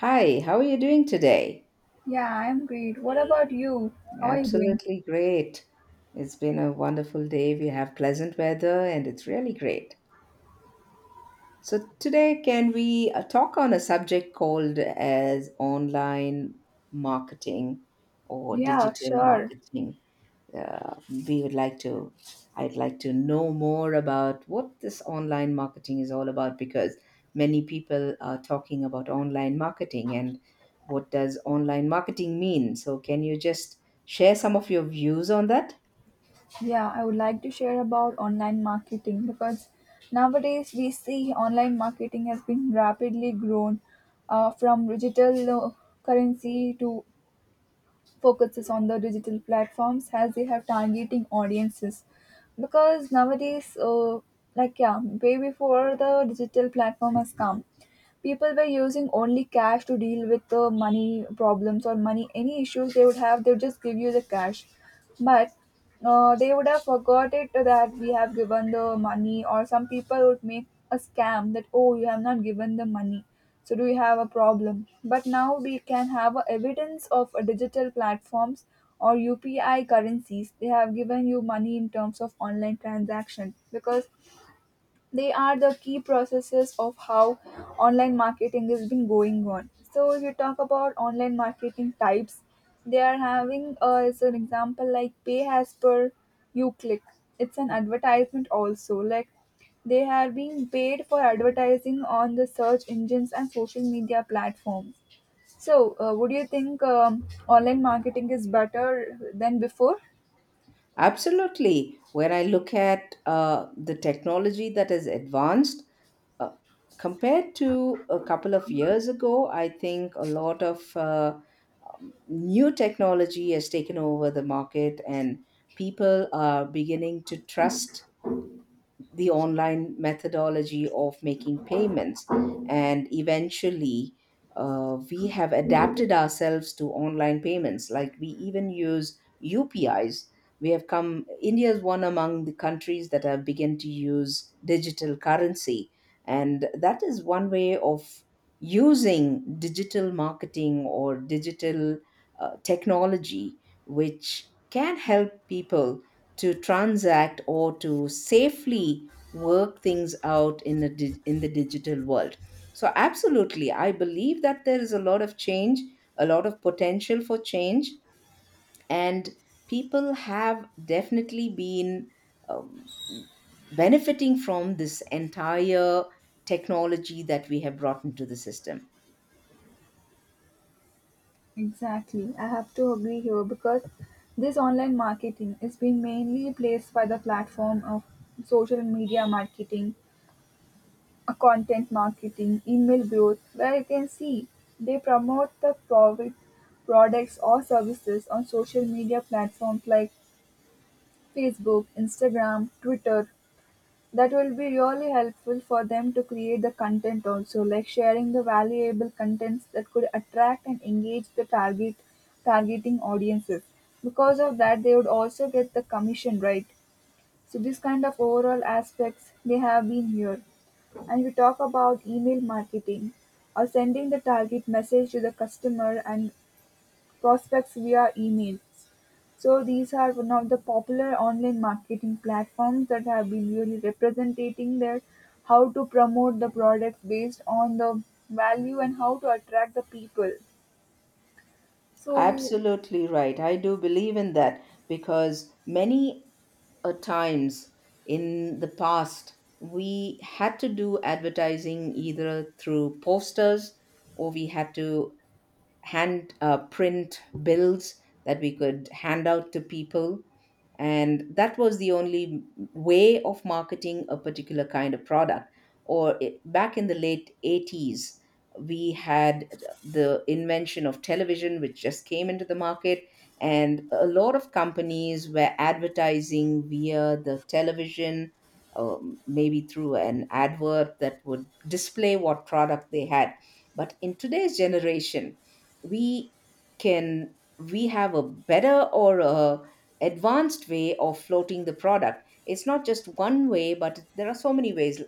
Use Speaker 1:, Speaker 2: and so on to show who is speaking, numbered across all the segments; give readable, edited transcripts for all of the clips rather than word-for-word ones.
Speaker 1: Hi, how are you doing today?
Speaker 2: Yeah, I'm great. What about you? How are you doing?
Speaker 1: Absolutely great. It's been a wonderful day. We have pleasant weather and it's really great. So today can we talk on a subject called as online marketing or
Speaker 2: Yeah,
Speaker 1: digital
Speaker 2: sure.
Speaker 1: marketing? uh, we would like to I'd like to know more about what this online marketing is all about, because many people are talking about online marketing, and what does online marketing mean? So can you just share some of your views on that?
Speaker 2: Yeah, I would like to share about online marketing because nowadays we see online marketing has been rapidly grown from digital currency to focuses on the digital platforms as they have targeting audiences. Because nowadays, like yeah, way before the digital platform has come, people were using only cash to deal with the money problems or money any issues they would have. They would just give you the cash, but they would have forgot it that we have given the money, or some people would make a scam that, oh, you have not given the money, so do you have a problem? But now we can have a evidence of a digital platforms or UPI currencies. They have given you money in terms of online transaction because they are the key processes of how online marketing has been going on. So if you talk about online marketing types, they are having as an example like pay as per you click. It's an advertisement also, like they are being paid for advertising on the search engines and social media platforms. So would you think online marketing is better than before?
Speaker 1: Absolutely. When I look at the technology that is advanced Uh, compared to a couple of years ago, I think a lot of new technology has taken over the market, and people are beginning to trust the online methodology of making payments. And eventually, we have adapted ourselves to online payments. Like we even use UPIs. We have come, India is one among the countries that have begun to use digital currency. And that is one way of using digital marketing or digital technology, which can help people to transact or to safely work things out in the in the digital world. So absolutely, I believe that there is a lot of change, a lot of potential for change, and people have definitely been um, benefiting from this entire technology that we have brought into the system.
Speaker 2: Exactly. I have to agree here because this online marketing is being mainly replaced by the platform of social media marketing, content marketing, email growth, where you can see they promote the product, products or services on social media platforms like Facebook, Instagram, Twitter. That will be really helpful for them to create the content also, like sharing the valuable contents that could attract and engage the targeting audiences. Because of that, they would also get the commission, right? So these kind of overall aspects they have been here. And we talk about email marketing or sending the target message to the customer and prospects via email. So these are one of the popular online marketing platforms that have been really representing their how to promote the product based on the value and how to attract the people. So
Speaker 1: Absolutely right. I do believe in that, because many times in the past, we had to do advertising either through posters, or we had to hand print bills that we could hand out to people, and that was the only way of marketing a particular kind of product. Or it, back in the late 80s, we had the invention of television which just came into the market, and a lot of companies were advertising via the television, maybe through an advert that would display what product they had. But in today's generation, we can, we have a better or a advanced way of floating the product. It's not just one way, but there are so many ways.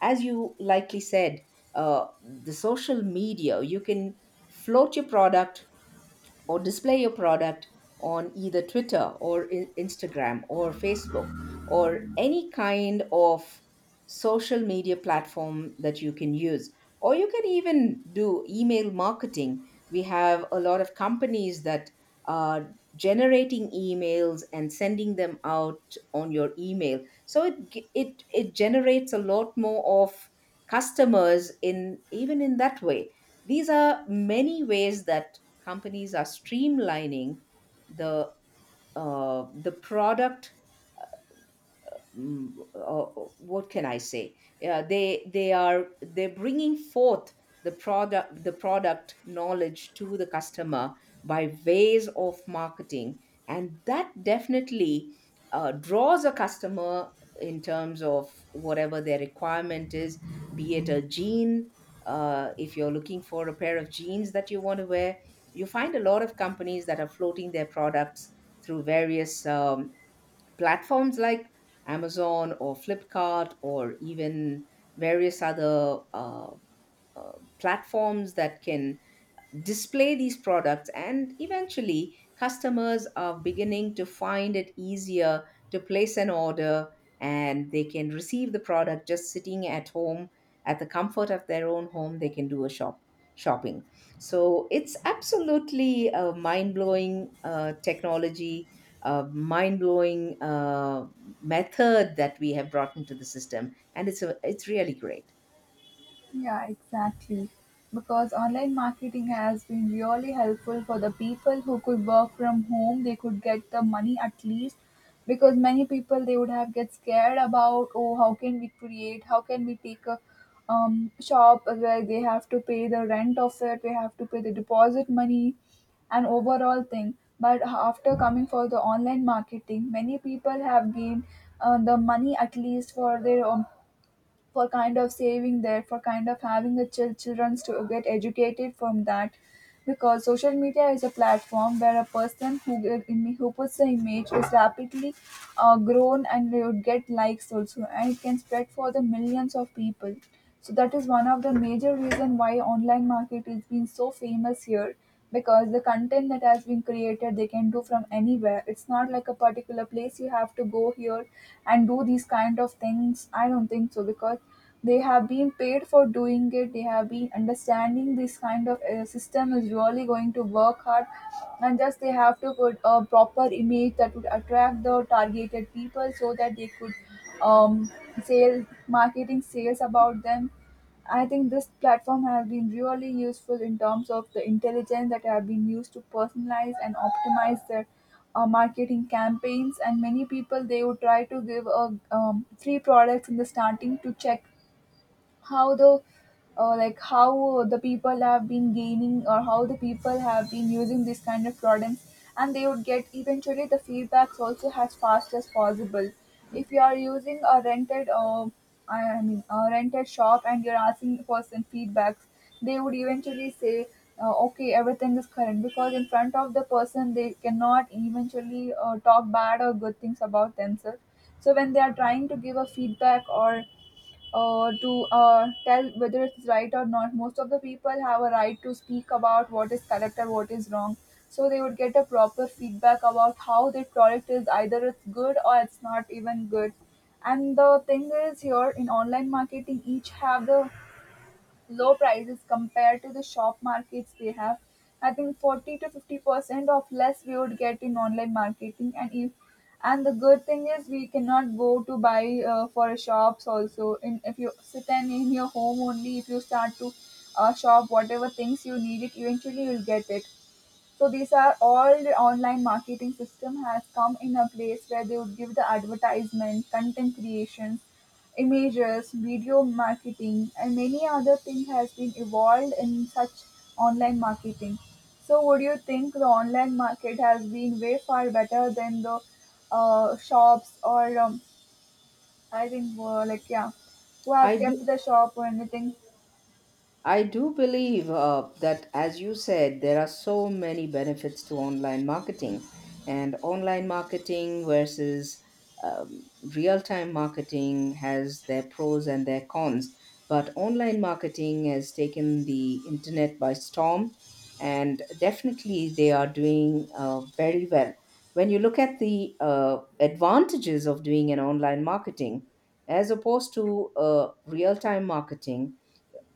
Speaker 1: As you likely said, the social media, you can float your product or display your product on either Twitter or Instagram or Facebook or any kind of social media platform that you can use. Or you can even do email marketing. We have a lot of companies that are generating emails and sending them out on your email. So it it it generates a lot more of customers in even in that way. These are many ways that companies are streamlining the the product what can I say? Yeah, they're bringing forth the product knowledge to the customer by ways of marketing, and that definitely draws a customer in terms of whatever their requirement is, be it a jean. If you're looking for a pair of jeans that you want to wear, you find a lot of companies that are floating their products through various platforms like Amazon or Flipkart or even various other uh, platforms that can display these products, and eventually customers are beginning to find it easier to place an order, and they can receive the product just sitting at home, at the comfort of their own home they can do a shopping. So it's absolutely a mind-blowing technology, a mind-blowing method that we have brought into the system, and it's really great.
Speaker 2: yeah, exactly. Because online marketing has been really helpful for the people who could work from home, they could get the money at least. Because many people they would have get scared about, oh, how can we create? How can we take a shop where they have to pay the rent of it? We have to pay the deposit money, an overall thing. But after coming for the online marketing, many people have gained the money at least for their for kind of saving there, for kind of having the children to get educated from that, because social media is a platform where a person who who puts the image is rapidly grown, and they would get likes also, and it can spread for the millions of people. So that is one of the major reason why online market is being so famous here, because the content that has been created they can do from anywhere. It's not like a particular place you have to go here and do these kind of things. I don't think so, because they have been paid for doing it. They have been understanding this kind of system is really going to work hard, and just they have to put a proper image that would attract the targeted people, so that they could um, sale marketing sales about them. I think this platform has been really useful in terms of the intelligence that have been used to personalize and optimize their marketing campaigns, and many people they would try to give a free products in the starting to check how the like how the people have been gaining or how the people have been using this kind of products. And they would get eventually the feedbacks also as fast as possible. If you are using a rented I mean a rented shop and you're asking the person feedbacks, they would eventually say, okay, everything is current, because in front of the person they cannot eventually talk bad or good things about themselves. So when they are trying to give a feedback or to tell whether it's right or not. Most of the people have a right to speak about what is correct or what is wrong. So they would get a proper feedback about how their product is, either it's good or it's not even good. And the thing is, here in online marketing, each have the low prices compared to the shop markets they have. I think 40 to 50% of less we would get in online marketing. And if, and the good thing is we cannot go to buy for shops also. In, if you sit and in your home only, if you start to shop whatever things you need, it eventually you'll get it. So these are all the online marketing system has come in a place where they would give the advertisement, content creation, images, video marketing, and many other thing has been evolved in such online marketing. So would you think the online market has been way far better than the shops or I think like yeah, who have
Speaker 1: I
Speaker 2: kept
Speaker 1: do
Speaker 2: the shop or anything?
Speaker 1: I do believe that, as you said, there are so many benefits to online marketing, and online marketing versus um, real time marketing has their pros and their cons. But online marketing has taken the internet by storm, and definitely they are doing very well. When you look at the advantages of doing an online marketing as opposed to real time marketing,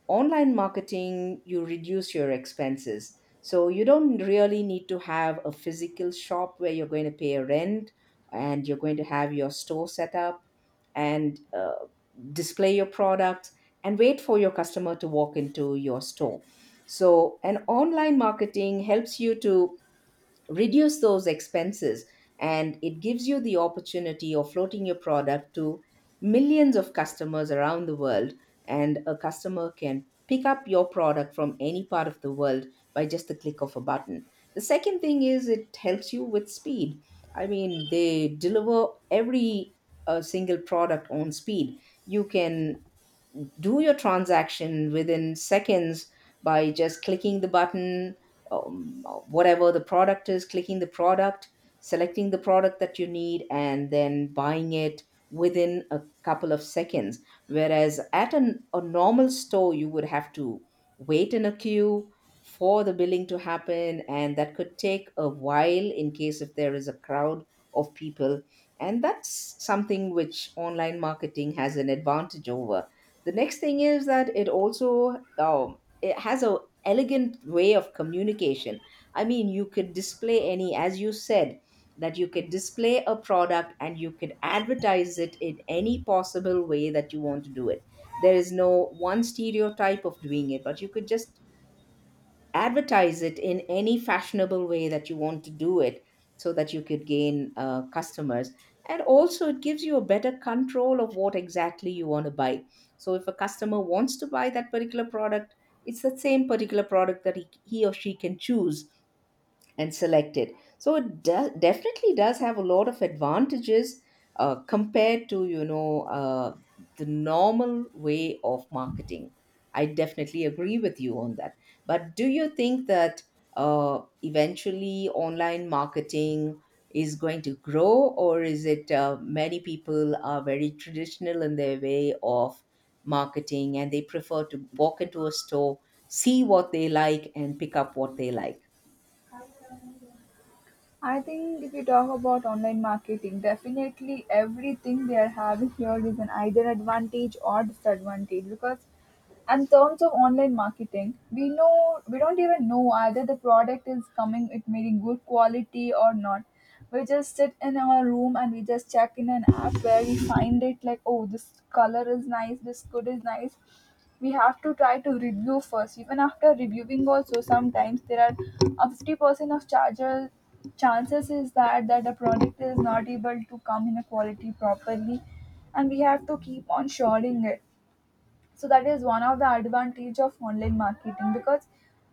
Speaker 1: online marketing you reduce your expenses, so you don't really need to have a physical shop where you're going to pay a rent, and you're going to have your store set up and display your products and wait for your customer to walk into your store. So an online marketing helps you to reduce those expenses, and it gives you the opportunity of floating your product to millions of customers around the world, and a customer can pick up your product from any part of the world by just the click of a button. The second thing is, it helps you with speed. I mean, they deliver every single product on speed. You can do your transaction within seconds by just clicking the button, whatever the product is, clicking the product, selecting the product that you need, and then buying it within a couple of seconds. Whereas at a normal store, you would have to wait in a queue for the billing to happen, and that could take a while in case if there is a crowd of people. And that's something which online marketing has an advantage over. The next thing is that it also it has a elegant way of communication. I mean, you could display any, as you said, that you could display a product and you could advertise it in any possible way that you want to do it. There is no one stereotype of doing it, but you could just advertise it in any fashionable way that you want to do it, so that you could gain customers. And also, it gives you a better control of what exactly you want to buy. So if a customer wants to buy that particular product, it's the same particular product that he or she can choose and select it. So it definitely does have a lot of advantages compared to you know the normal way of marketing. I definitely agree with you on that. But do you think that eventually online marketing is going to grow, or is it, many people are very traditional in their way of marketing and they prefer to walk into a store, see what they like, and pick up what they like?
Speaker 2: I think if you talk about online marketing, definitely everything they are having here is an either advantage or disadvantage, because and terms of online marketing we know, we don't even know either the product is coming, it may be good quality or not. We just sit in our room and we just check in an app where we find it like, oh, this color is nice, this good is nice. We have to try to review first. Even after reviewing also sometimes there are a 50% of charger chances is that that the product is not able to come in a quality properly, and we have to keep on shorting it. So that is one of the advantage of online marketing, because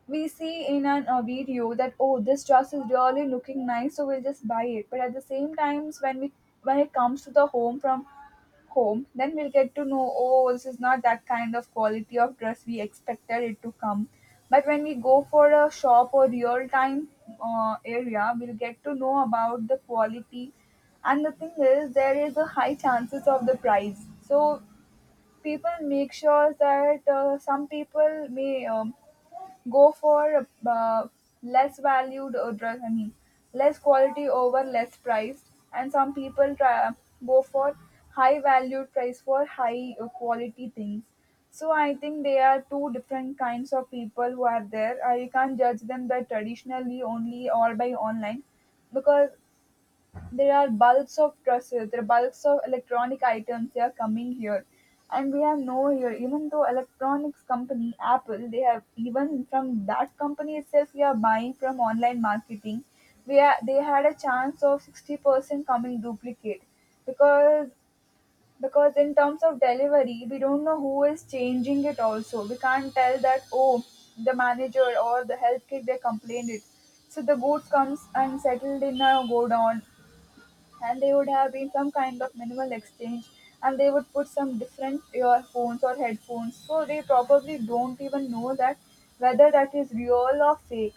Speaker 2: we see in a video that, oh, this dress is really looking nice, so we'll just buy it. But at the same times when we when it comes to the home from home, then we'll get to know, oh, this is not that kind of quality of dress we expected it to come. But when we go for a shop or real time area, we'll get to know about the quality. And the thing is there is a high chances of the price. So people make sure that some people may go for less valued dress, I mean less quality over less price, and some people go for high valued price for high quality things. So I think they are two different kinds of people who are there. I can't judge them that traditionally only all by online, because there are bulks of dresses, there are bulks of electronic items, they are coming here. And we have no here, even though electronics company Apple, they have, even from that company itself, we are buying from online marketing. We are, they had a chance of 60% coming duplicate, because because in terms of delivery, we don't know who is changing it also. We can't tell that, oh, the manager or the health kit, they complained it. So the goods comes and settled in a godown, and they would have been some kind of minimal exchange, and they would put some different earphones or headphones, so they probably don't even know that whether that is real or fake.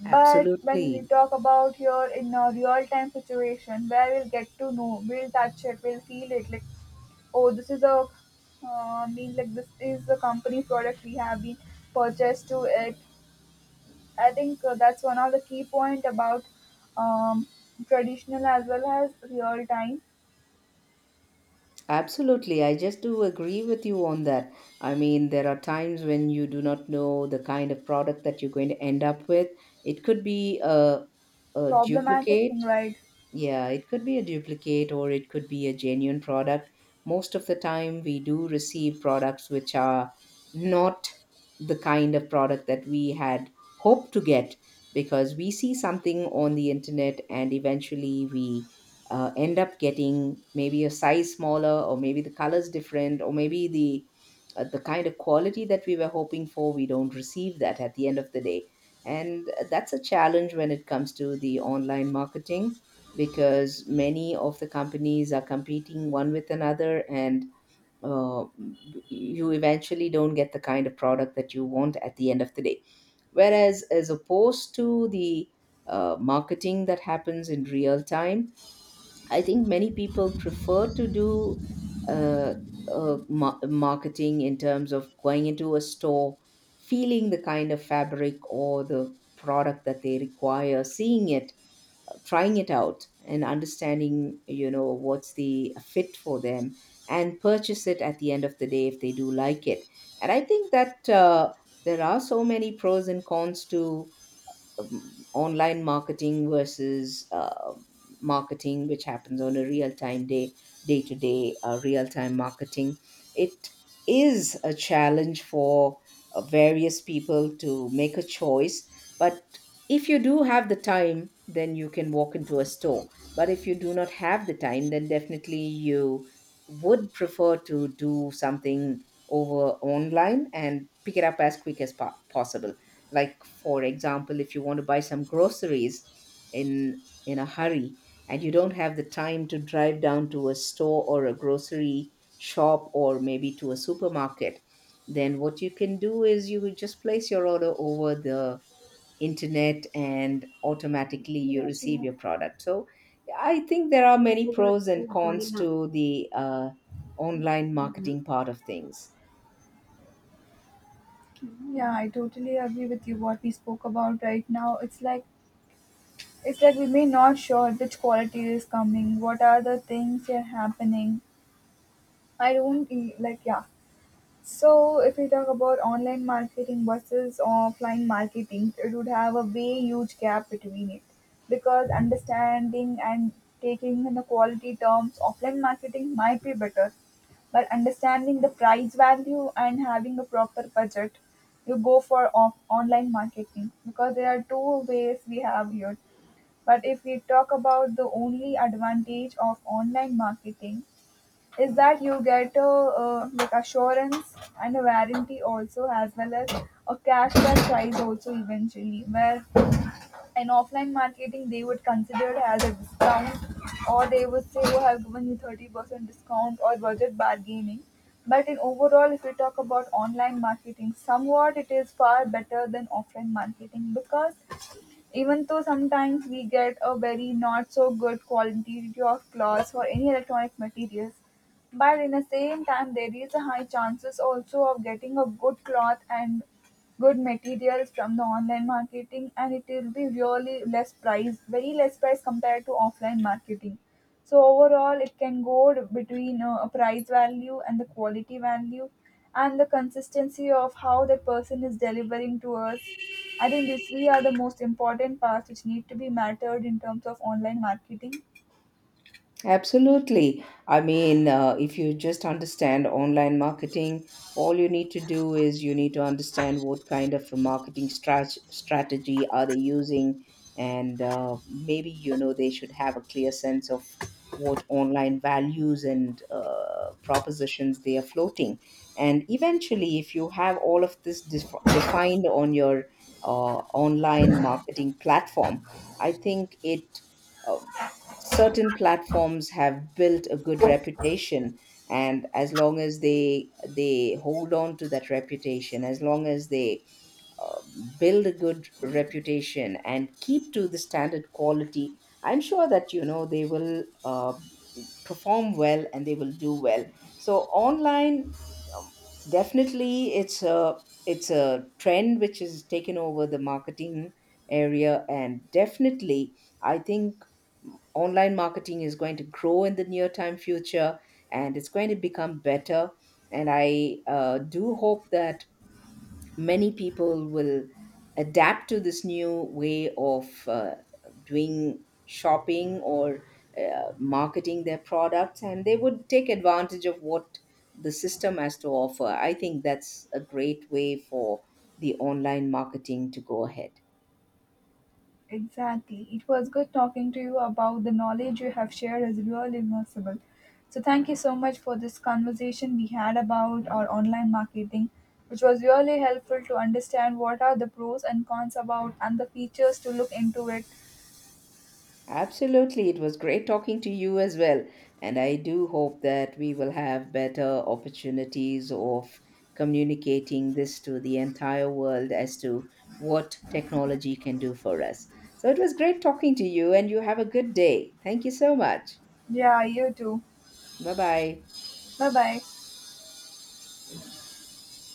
Speaker 2: But when we
Speaker 1: Absolutely.
Speaker 2: talk about here in a real time situation where we'll get to know, we'll touch it, we'll feel it, like, oh, this is a mean, like, this is the company product we have been purchased to it. I think that's one of the key point about um, traditional as well as real time
Speaker 1: Absolutely. I just do agree with you on that. I mean, there are times when you do not know the kind of product that you're going to end up with. It could be a
Speaker 2: problematic thing,
Speaker 1: duplicate.
Speaker 2: right?
Speaker 1: Yeah, it could be a duplicate, or it could be a genuine product. Most of the time, we do receive products which are not the kind of product that we had hoped to get, because we see something on the internet, and eventually we end up getting maybe a size smaller, or maybe the colors different, or maybe the kind of quality that we were hoping for, we don't receive that at the end of the day. And that's a challenge when it comes to the online marketing, because many of the companies are competing one with another, and uh, you eventually don't get the kind of product that you want at the end of the day. Whereas as opposed to the marketing that happens in real time, I think many people prefer to do uh, marketing in terms of going into a store, feeling the kind of fabric or the product that they require, seeing it, trying it out, and understanding you know what's the fit for them, and purchase it at the end of the day if they do like it. And I think that there are so many pros and cons to online marketing versus marketing which happens on a real time day, day to day. Real time marketing, it is a challenge for various people to make a choice. But if you do have the time, then you can walk into a store. But if you do not have the time, then definitely you would prefer to do something over online and pick it up as quick as possible. Like for example, if you want to buy some groceries in a hurry, and you don't have the time to drive down to a store or a grocery shop or maybe to a supermarket, then what you can do is, you would just place your order over the internet, and automatically you receive your product. So I think there are many pros and cons to the online marketing part of things.
Speaker 2: Yeah, I totally agree with you. What we spoke about right now, it's like, it's like we may not sure which quality is coming, what are the things that are happening. I don't e- like yeah. So, if we talk about online marketing versus offline marketing, it would have a way huge gap between it, because understanding and taking in the quality terms, offline marketing might be better, but understanding the price value and having a proper budget, you go for online marketing, because there are two ways we have here. But if we talk about the only advantage of online marketing, is that you get a like assurance and a warranty also, as well as a cashback price also eventually, where in offline marketing they would consider it as a discount, or they would say, oh, I've given you 30% discount or budget bargaining. But in overall, if we talk about online marketing, somewhat it is far better than offline marketing, because even though sometimes we get a very not so good quality of cloths for any electronic materials, but in the same time there is a high chances also of getting a good cloth and good materials from the online marketing, and it will be really less price, very less price, compared to offline marketing. So overall, it can go between a price value and the quality value, and the consistency of how that person is delivering to us. I think these three are the most important parts which need to be mattered in terms of online marketing.
Speaker 1: Absolutely. I mean, if you just understand online marketing, all you need to do is you need to understand what kind of a marketing strategy are they using, and maybe you know they should have a clear sense of what online values and propositions they are floating. And eventually, if you have all of this defined on your uh, online marketing platform, I think it. Um, certain platforms have built a good reputation, and as long as they hold on to that reputation, as long as they uh, build a good reputation and keep to the standard quality, I'm sure that you know they will perform well and they will do well. So online, um, definitely it's a trend which is taken over the marketing area, and definitely I think online marketing is going to grow in the near time future, and it's going to become better. And I do hope that many people will adapt to this new way of doing shopping or marketing their products, and they would take advantage of what the system has to offer. I think that's a great way for the online marketing to go ahead.
Speaker 2: Exactly. It was good talking to you. About the knowledge you have shared is really immersible. So thank you so much for this conversation we had about our online marketing, which was really helpful to understand what are the pros and cons about and the features to look into it.
Speaker 1: Absolutely. It was great talking to you as well. And I do hope that we will have better opportunities of communicating this to the entire world as to what technology can do for us. So it was great talking to you, and you have a good day. Thank you so much.
Speaker 2: Yeah, you too.
Speaker 1: Bye bye.
Speaker 2: Bye bye.